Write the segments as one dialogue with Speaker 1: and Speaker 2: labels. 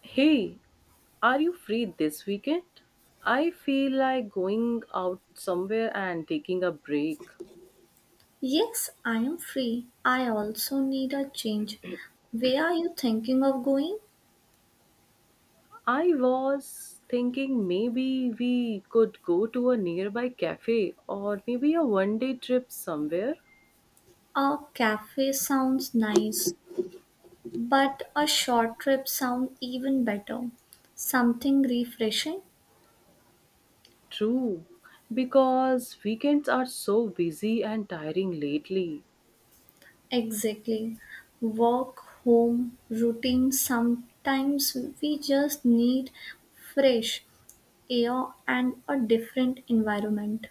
Speaker 1: Hey, are you free this weekend? I feel like going out somewhere and taking a break.
Speaker 2: Yes, I am free. I also need a change. Where are you thinking of going?
Speaker 1: I was thinking maybe we could go to a nearby cafe or maybe a one day trip somewhere.
Speaker 2: A cafe sounds nice, but a short trip sounds even better. Something refreshing?
Speaker 1: True, because weekends are so busy and tiring lately.
Speaker 2: Exactly. Work, home, routine. Sometimes we just need fresh air and a different environment.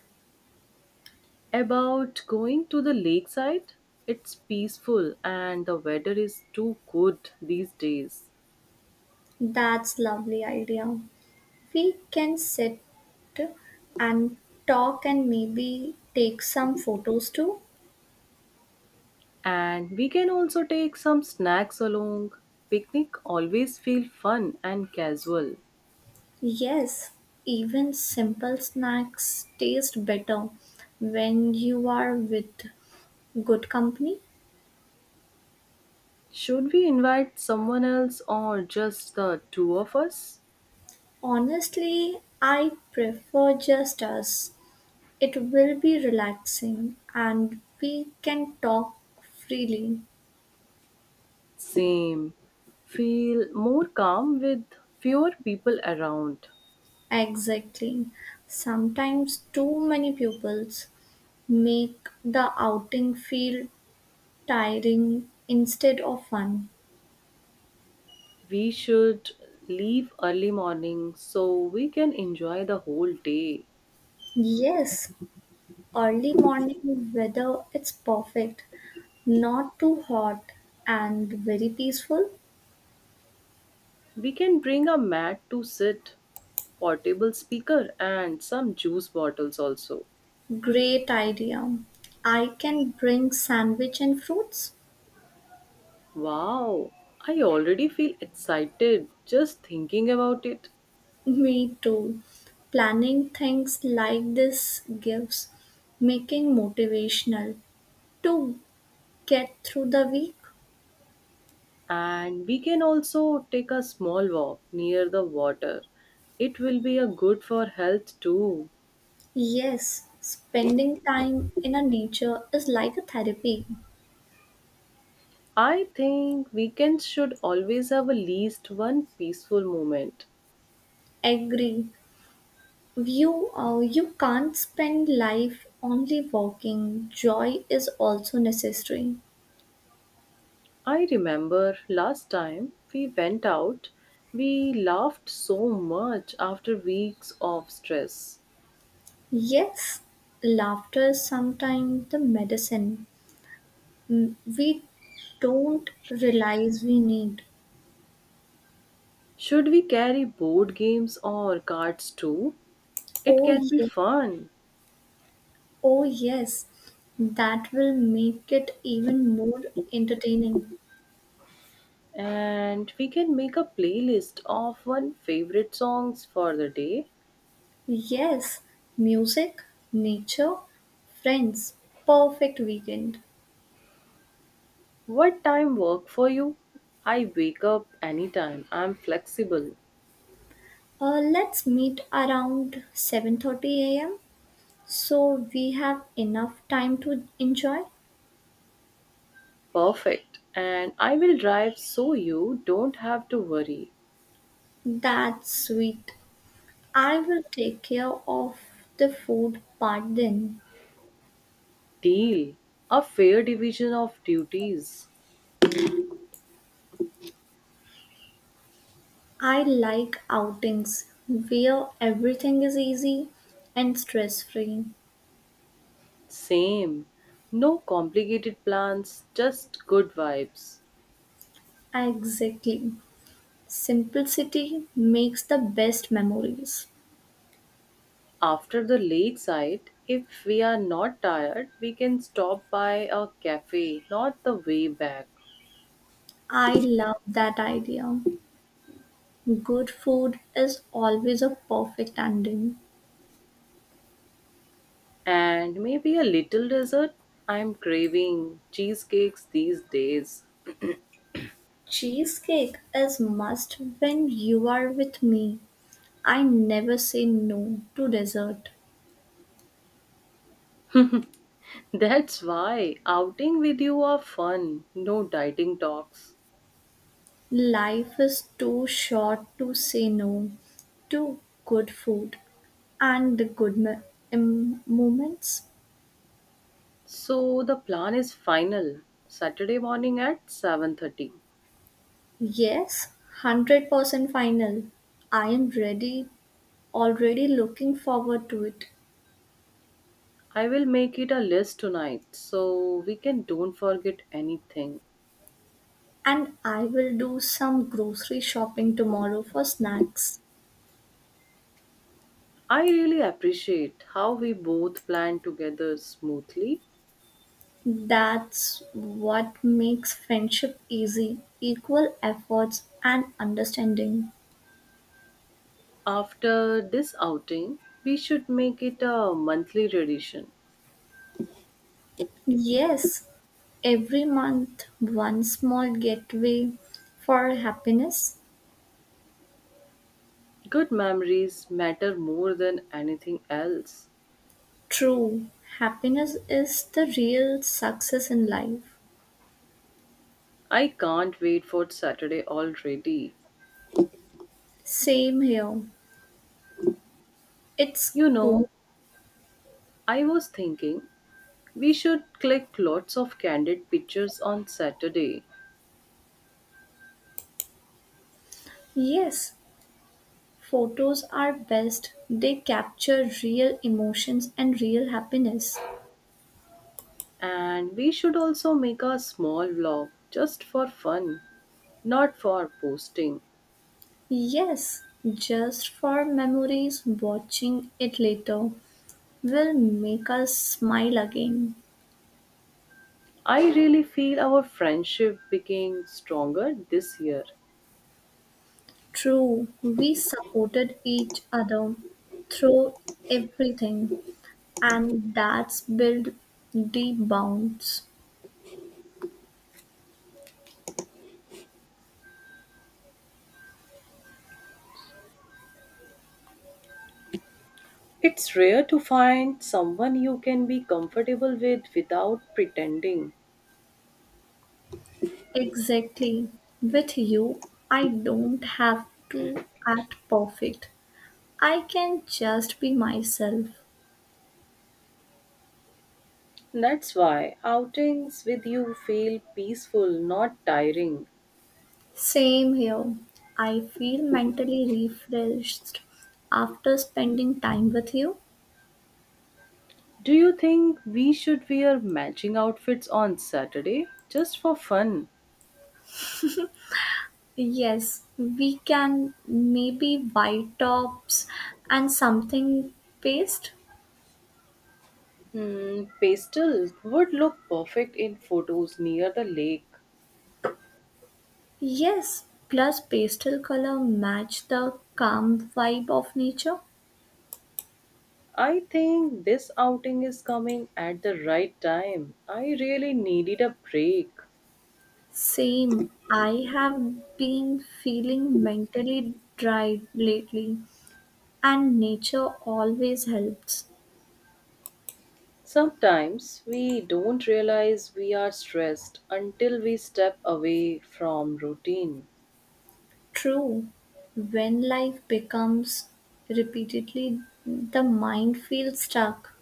Speaker 1: About going to the lakeside, it's peaceful and the weather is too good these days.
Speaker 2: That's lovely idea. We can sit and talk and maybe take some photos too.
Speaker 1: And we can also take some snacks along. Picnic always feel fun and casual.
Speaker 2: Yes, even simple snacks taste better when you are with good company.
Speaker 1: Should we invite someone else or just the two of us?
Speaker 2: Honestly, I prefer just us. It will be relaxing and we can talk freely.
Speaker 1: Same. Feel more calm with fewer people around.
Speaker 2: Exactly. Sometimes too many pupils make the outing feel tiring instead of fun.
Speaker 1: We should leave early morning so we can enjoy the whole day.
Speaker 2: Yes, early morning weather it's perfect. Not too hot and very peaceful.
Speaker 1: We can bring a mat to sit, portable speaker and some juice bottles also.
Speaker 2: Great idea. I can bring sandwich and fruits.
Speaker 1: Wow, I already feel excited just thinking about it.
Speaker 2: Me too. Planning things like this gives making motivational to get through the week.
Speaker 1: And we can also take a small walk near the water. It will be a good for health too.
Speaker 2: Yes, spending time in a nature is like a therapy.
Speaker 1: I think weekends should always have at least one peaceful moment.
Speaker 2: Agree. You can't spend life only walking. Joy is also necessary.
Speaker 1: I remember last time we went out, we laughed so much after weeks of stress.
Speaker 2: Yes, laughter is sometimes the medicine we don't realize we need.
Speaker 1: Should we carry board games or cards too? It
Speaker 2: Oh,
Speaker 1: can
Speaker 2: yes,
Speaker 1: be fun.
Speaker 2: oh, yes, that will make it even more entertaining.
Speaker 1: And we can make a playlist of one favorite songs for the day.
Speaker 2: Yes, music, nature, friends, perfect weekend.
Speaker 1: What time work for you? I wake up anytime. I'm flexible.
Speaker 2: Let's meet around 7:30 a.m. So we have enough time to enjoy?
Speaker 1: Perfect. And I will drive so you don't have to worry.
Speaker 2: That's sweet. I will take care of the food part then.
Speaker 1: Deal. A fair division of duties.
Speaker 2: I like outings where everything is easy and stress free.
Speaker 1: Same. No complicated plans, just good vibes.
Speaker 2: Exactly. Simplicity makes the best memories.
Speaker 1: After the late site, if we are not tired, we can stop by a cafe, not the way back.
Speaker 2: I love that idea. Good food is always a perfect ending.
Speaker 1: And maybe a little dessert. I'm craving cheesecakes these days.
Speaker 2: Cheesecake is must when you are with me. I never say no to dessert.
Speaker 1: That's why outing with you are fun, no dieting talks.
Speaker 2: Life is too short to say no to good food and the good moments.
Speaker 1: So the plan is final. Saturday morning at 7:30.
Speaker 2: Yes, 100% final. I am ready, already looking forward to it.
Speaker 1: I will make it a list tonight so we can don't forget anything.
Speaker 2: And I will do some grocery shopping tomorrow for snacks.
Speaker 1: I really appreciate how we both plan together smoothly.
Speaker 2: That's what makes friendship easy, equal efforts and understanding.
Speaker 1: After this outing, we should make it a monthly tradition.
Speaker 2: Yes, every month one small gateway for happiness.
Speaker 1: Good memories matter more than anything else.
Speaker 2: True happiness is the real success in life.
Speaker 1: I can't wait for Saturday already.
Speaker 2: Same here. It's
Speaker 1: You
Speaker 2: cool.
Speaker 1: know, I was thinking we should click lots of candid pictures on Saturday
Speaker 2: Yes, photos are best. They capture real emotions and real happiness.
Speaker 1: and we should also make a small vlog just for fun, not for posting.
Speaker 2: Yes, just for memories, watching it later will make us smile again.
Speaker 1: I really feel our friendship became stronger this year.
Speaker 2: True, we supported each other through everything, and that's built deep bonds.
Speaker 1: It's rare to find someone you can be comfortable with without pretending.
Speaker 2: Exactly. With you, I don't have to act perfect. I can just be myself.
Speaker 1: That's why outings with you feel peaceful, not tiring.
Speaker 2: Same here. I feel mentally refreshed after spending time with you.
Speaker 1: Do you think we should wear matching outfits on Saturday just for fun?
Speaker 2: Yes, we can maybe white tops and something paste.
Speaker 1: Hmm, pastel would look perfect in photos near the lake.
Speaker 2: Yes, plus pastel color match the calm vibe of nature.
Speaker 1: I think this outing is coming at the right time. I really needed a break.
Speaker 2: Same, I have been feeling mentally dry lately, and nature always helps.
Speaker 1: Sometimes we don't realize we are stressed until we step away from routine.
Speaker 2: True, when life becomes repeatedly, the mind feels stuck.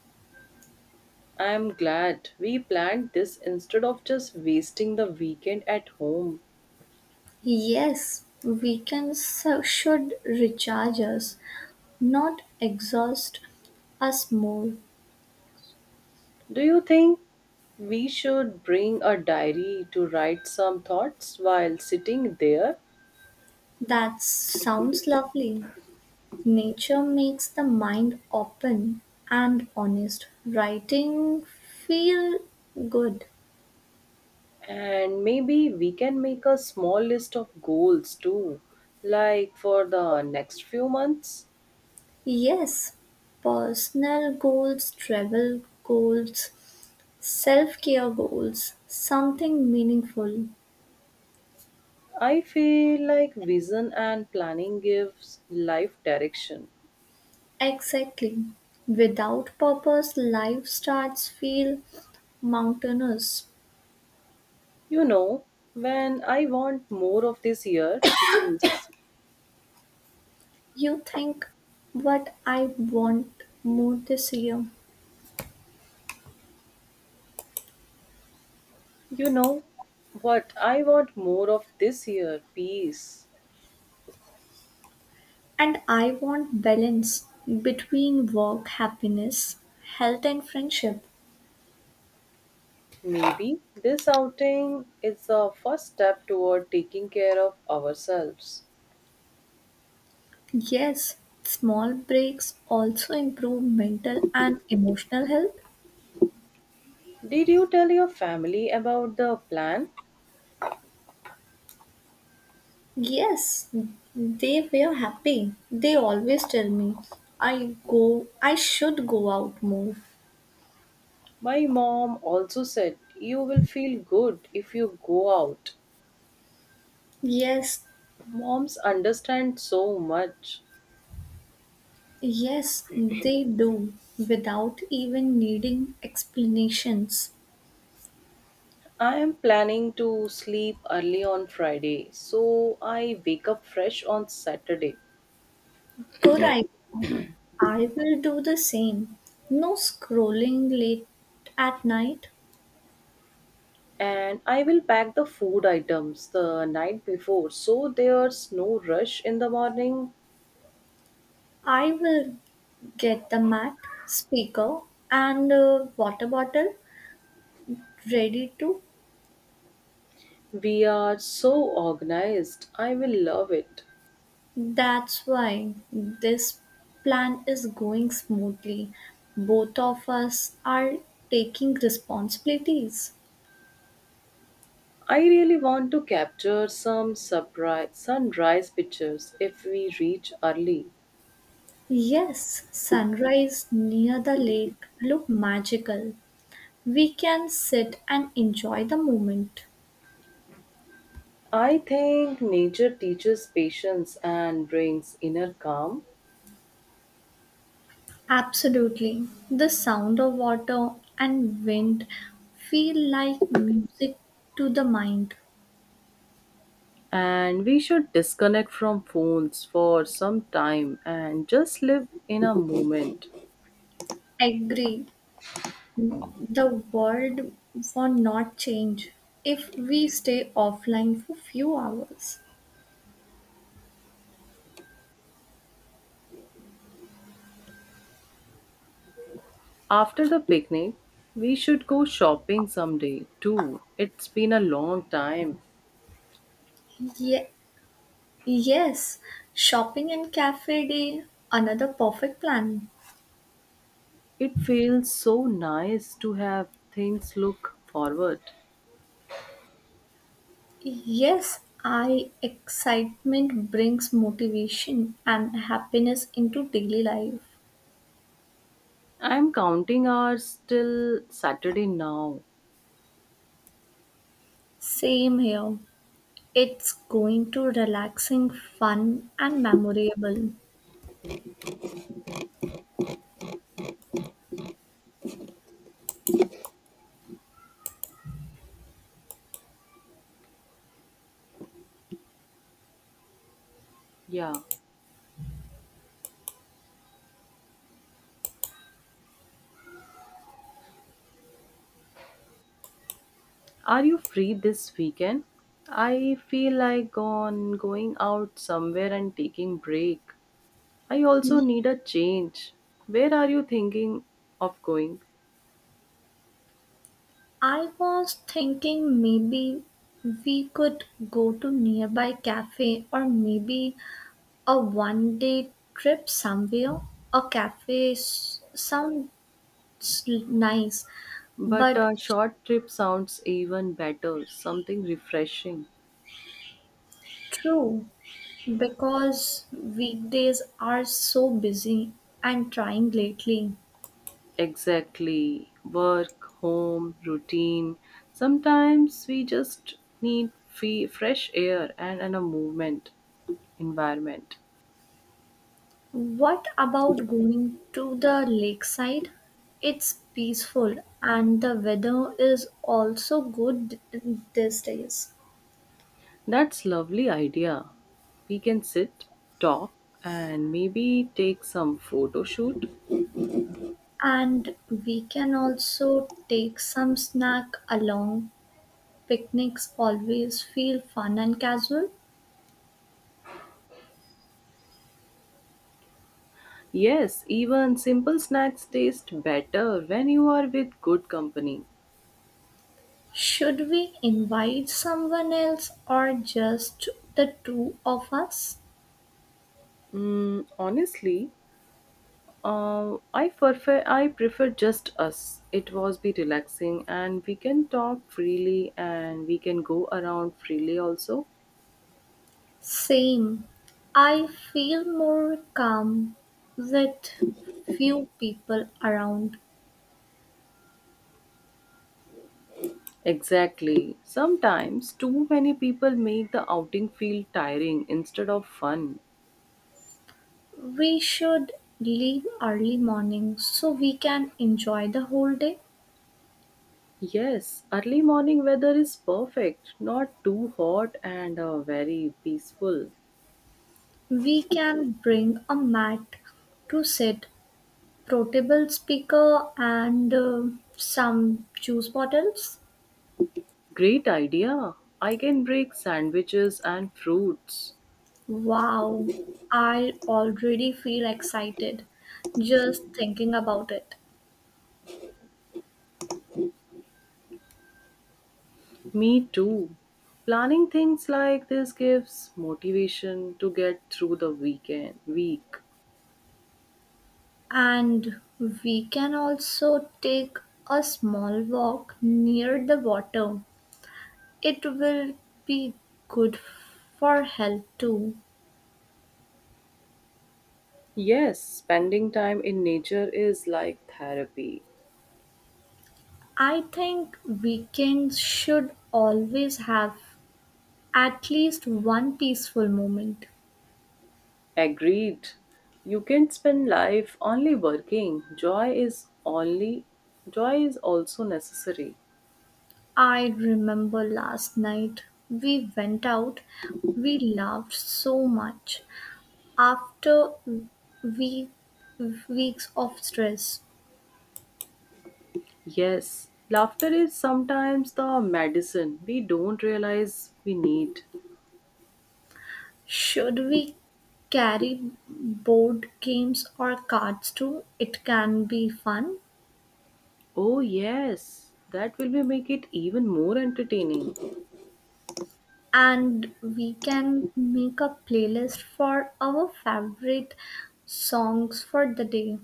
Speaker 1: I am glad we planned this instead of just wasting the weekend at home.
Speaker 2: Yes, weekends should recharge us, not exhaust us more.
Speaker 1: Do you think we should bring a diary to write some thoughts while sitting there?
Speaker 2: That sounds lovely. Nature makes the mind open and honest. Writing feel good.
Speaker 1: And maybe we can make a small list of goals too, like for the next few months.
Speaker 2: Yes, personal goals, travel goals, self care goals, something meaningful.
Speaker 1: I feel like vision and planning gives life direction.
Speaker 2: Exactly. Without purpose, life starts feel mountainous.
Speaker 1: You know, when I want more of this year, peace.
Speaker 2: You think what I want more this year.
Speaker 1: You know, what I want more of this year, peace.
Speaker 2: And I want balance between work, happiness, health, and friendship.
Speaker 1: Maybe this outing is the first step toward taking care of ourselves.
Speaker 2: Yes, small breaks also improve mental and emotional health.
Speaker 1: Did you tell your family about the plan?
Speaker 2: Yes, they were happy. They always tell me, I go, I should go out more.
Speaker 1: My mom also said, You will feel good if you go out.
Speaker 2: Yes,
Speaker 1: Moms understand so much.
Speaker 2: yes, they do without even needing explanations.
Speaker 1: I am planning to sleep early on Friday, so I wake up fresh on Saturday.
Speaker 2: Good idea. I will do the same. No scrolling late at night.
Speaker 1: And I will pack the food items the night before so there's no rush in the morning.
Speaker 2: I will get the mat, speaker, and a water bottle ready to.
Speaker 1: We are so organized. I will love it.
Speaker 2: That's why this plan is going smoothly. Both of us are taking responsibilities.
Speaker 1: I really want to capture some surprise sunrise pictures if we reach early.
Speaker 2: Yes, sunrise near the lake look magical. We can sit and enjoy the moment.
Speaker 1: I think nature teaches patience and brings inner calm.
Speaker 2: Absolutely. The sound of water and wind feel like music to the mind.
Speaker 1: And we should disconnect from phones for some time and just live in a moment.
Speaker 2: Agree. The world will not change if we stay offline for few hours.
Speaker 1: After the picnic, we should go shopping someday too. It's been a long time.
Speaker 2: Ye- yes, shopping and cafe day, another perfect plan.
Speaker 1: It feels so nice to have things look forward.
Speaker 2: Yes, I excitement brings motivation and happiness into daily life.
Speaker 1: I'm counting hours till Saturday now.
Speaker 2: Same here. It's going to relaxing, fun and memorable.
Speaker 1: Yeah. Are you free this weekend? I feel like on going out somewhere and taking break. I also need a change. Where are you thinking of going?
Speaker 2: I was thinking maybe we could go to nearby cafe or maybe a one day trip somewhere. A cafe sounds nice,
Speaker 1: But
Speaker 2: but
Speaker 1: a
Speaker 2: it's
Speaker 1: short trip sounds even better, something refreshing.
Speaker 2: true because weekdays are so busy and trying lately.
Speaker 1: Exactly. Work, home, routine. Sometimes we just need free, fresh air and a movement environment.
Speaker 2: What about going to the lakeside? It's peaceful and the weather is also good these days.
Speaker 1: That's lovely idea. We can sit, talk, and maybe take some photo shoot.
Speaker 2: And we can also take some snack along. Picnics always feel fun and casual.
Speaker 1: Yes, even simple snacks taste better when you are with good company.
Speaker 2: Should we invite someone else or just the two of us?
Speaker 1: Honestly, I prefer just us. It was be relaxing, and we can talk freely, and we can go around freely also.
Speaker 2: Same. I feel more calm with few people around.
Speaker 1: Exactly. Sometimes too many people make the outing feel tiring instead of fun.
Speaker 2: We should leave early morning so we can enjoy the whole day.
Speaker 1: Yes, early morning weather is perfect, not too hot and very peaceful.
Speaker 2: We can bring a mat to sit, portable speaker, and some juice bottles.
Speaker 1: Great idea. I can bake sandwiches and fruits.
Speaker 2: Wow, I already feel excited just thinking about it.
Speaker 1: Me too. Planning things like this gives motivation to get through the weekend week.
Speaker 2: And we can also take a small walk near the water. It will be good for health too.
Speaker 1: Yes, spending time in nature is like therapy.
Speaker 2: I think weekends should always have at least one peaceful moment.
Speaker 1: Agreed. You can spend life only working. Joy is also necessary.
Speaker 2: I remember last night we went out, we laughed so much after week, weeks of stress.
Speaker 1: Yes, laughter is sometimes the medicine we don't realize we need.
Speaker 2: Should we carry board games or cards too? It can be fun.
Speaker 1: Oh, yes, that will be make it even more entertaining.
Speaker 2: And we can make a playlist for our favorite songs for the day.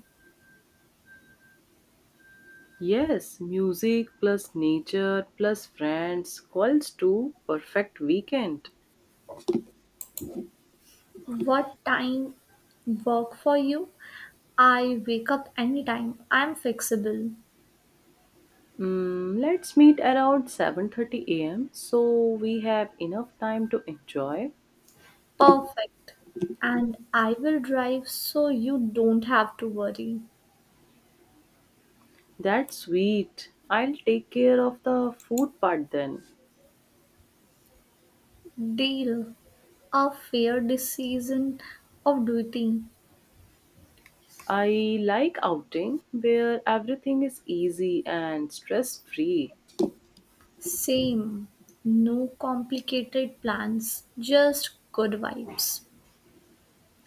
Speaker 1: Yes, music plus nature plus friends calls to perfect weekend.
Speaker 2: What time work for you? I wake up anytime. I'm flexible.
Speaker 1: Let's meet around 7:30 a.m. so we have enough time to enjoy.
Speaker 2: Perfect. And I will drive so you don't have to worry.
Speaker 1: That's sweet. I'll take care of the food part then.
Speaker 2: Deal. A fair decision of duty.
Speaker 1: I like outing where everything is easy and stress free.
Speaker 2: Same. No complicated plans, just good vibes.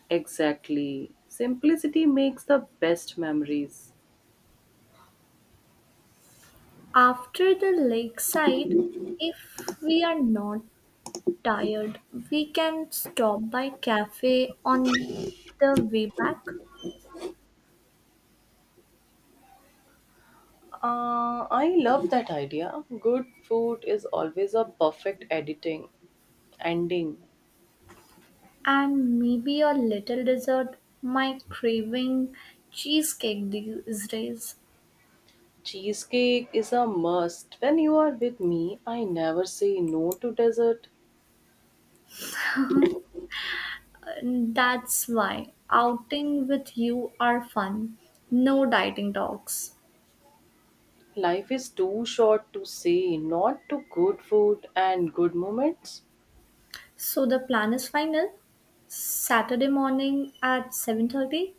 Speaker 1: Exactly. Simplicity makes the best memories.
Speaker 2: After the lakeside, if we are not tired, we can stop by cafe on the way back
Speaker 1: I love that idea. Good food is always a perfect editing ending.
Speaker 2: and maybe a little dessert. My craving cheesecake these days.
Speaker 1: Cheesecake is a must. When you are with me, I never say no to dessert.
Speaker 2: And that's why outing with you are fun. No dieting talks.
Speaker 1: Life is too short to say not to good food and good moments.
Speaker 2: So the plan is final. Saturday morning at 7:30.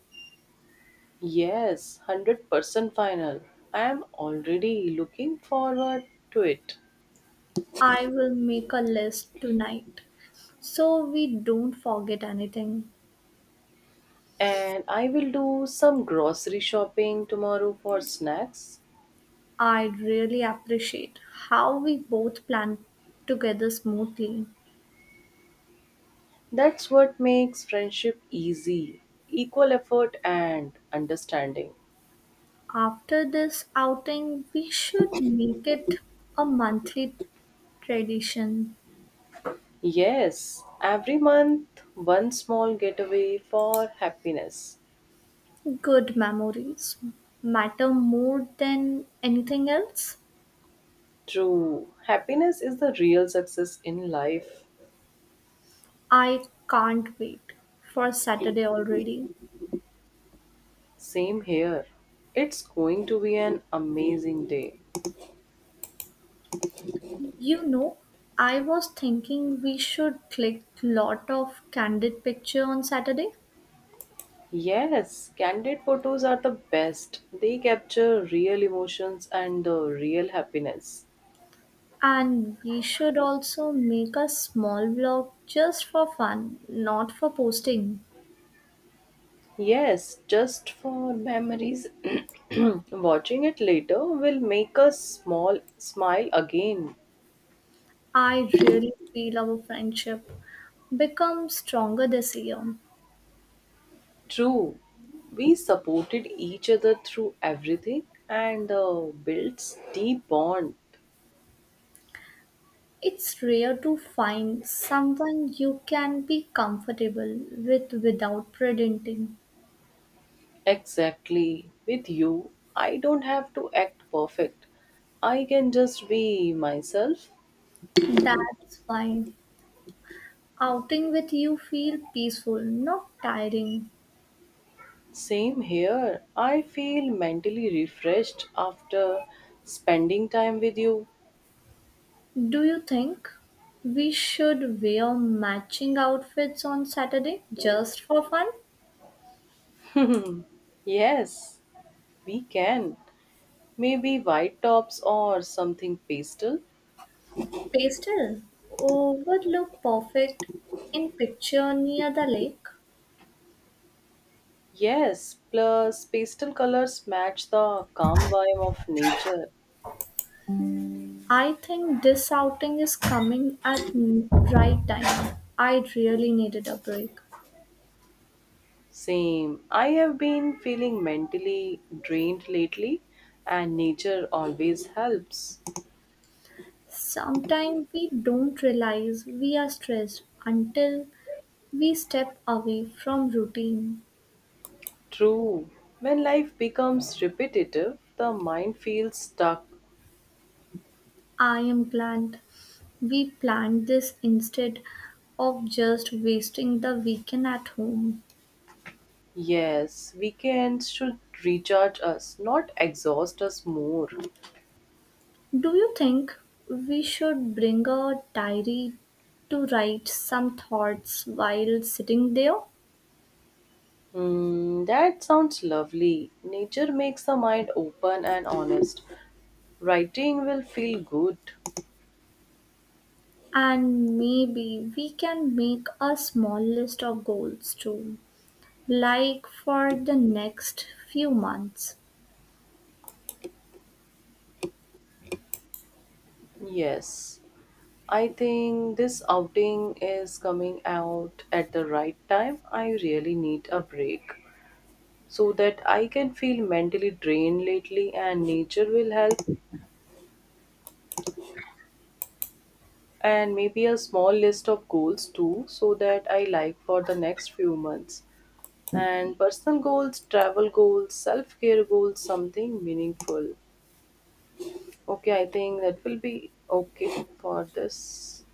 Speaker 1: Yes, 100% final. I am already looking forward to it.
Speaker 2: I will make a list tonight so we don't forget anything.
Speaker 1: And I will do some grocery shopping tomorrow for snacks.
Speaker 2: I really appreciate how we both planned together smoothly.
Speaker 1: That's what makes friendship easy equal effort and understanding.
Speaker 2: After this outing, we should make it a monthly tradition.
Speaker 1: Yes, every month, one small getaway for happiness.
Speaker 2: Good memories matter more than anything else.
Speaker 1: True, happiness is the real success in life.
Speaker 2: I can't wait for Saturday already.
Speaker 1: Same here. It's going to be an amazing day.
Speaker 2: You know, I was thinking we should click lot of candid picture on Saturday,
Speaker 1: Yes, candid photos are the best. They capture real emotions and the real happiness.
Speaker 2: and we should also make a small vlog just for fun, not for posting.
Speaker 1: Yes, just for memories. Watching it later will make us small smile again.
Speaker 2: I really feel our friendship become stronger this year.
Speaker 1: True. We supported each other through everything and built deep bond.
Speaker 2: It's rare to find someone you can be comfortable with without pretending.
Speaker 1: Exactly. With you, I don't have to act perfect. I can just be myself.
Speaker 2: That's why outing with you feel peaceful, not tiring.
Speaker 1: Same here. I feel mentally refreshed after spending time with you.
Speaker 2: Do you think we should wear matching outfits on Saturday just for fun?
Speaker 1: Yes, we can. Maybe white tops or something pastel.
Speaker 2: Pastel oh, would look perfect in picture near the lake.
Speaker 1: Yes, plus pastel colors match the calm vibe of nature.
Speaker 2: I think this outing is coming at right time. I really needed a break.
Speaker 1: Same. I have been feeling mentally drained lately, and nature always helps.
Speaker 2: Sometimes we don't realize we are stressed until we step away from routine.
Speaker 1: True. When life becomes repetitive, the mind feels stuck.
Speaker 2: I am glad we planned this instead of just wasting the weekend at home.
Speaker 1: Yes, weekends should recharge us, not exhaust us more.
Speaker 2: Do you think we should bring a diary to write some thoughts while sitting there?
Speaker 1: Hmm, that sounds lovely. Nature makes the mind open and honest. Writing will feel good.
Speaker 2: And maybe we can make a small list of goals too, like for the next few months.
Speaker 1: Yes, I think this outing is coming out at the right time. I really need a break so that I can feel mentally drained lately, and nature will help. And maybe a small list of goals too, so that I like for the next few months. And personal goals, travel goals, self-care goals, something meaningful. Okay, I think that will be okay for this.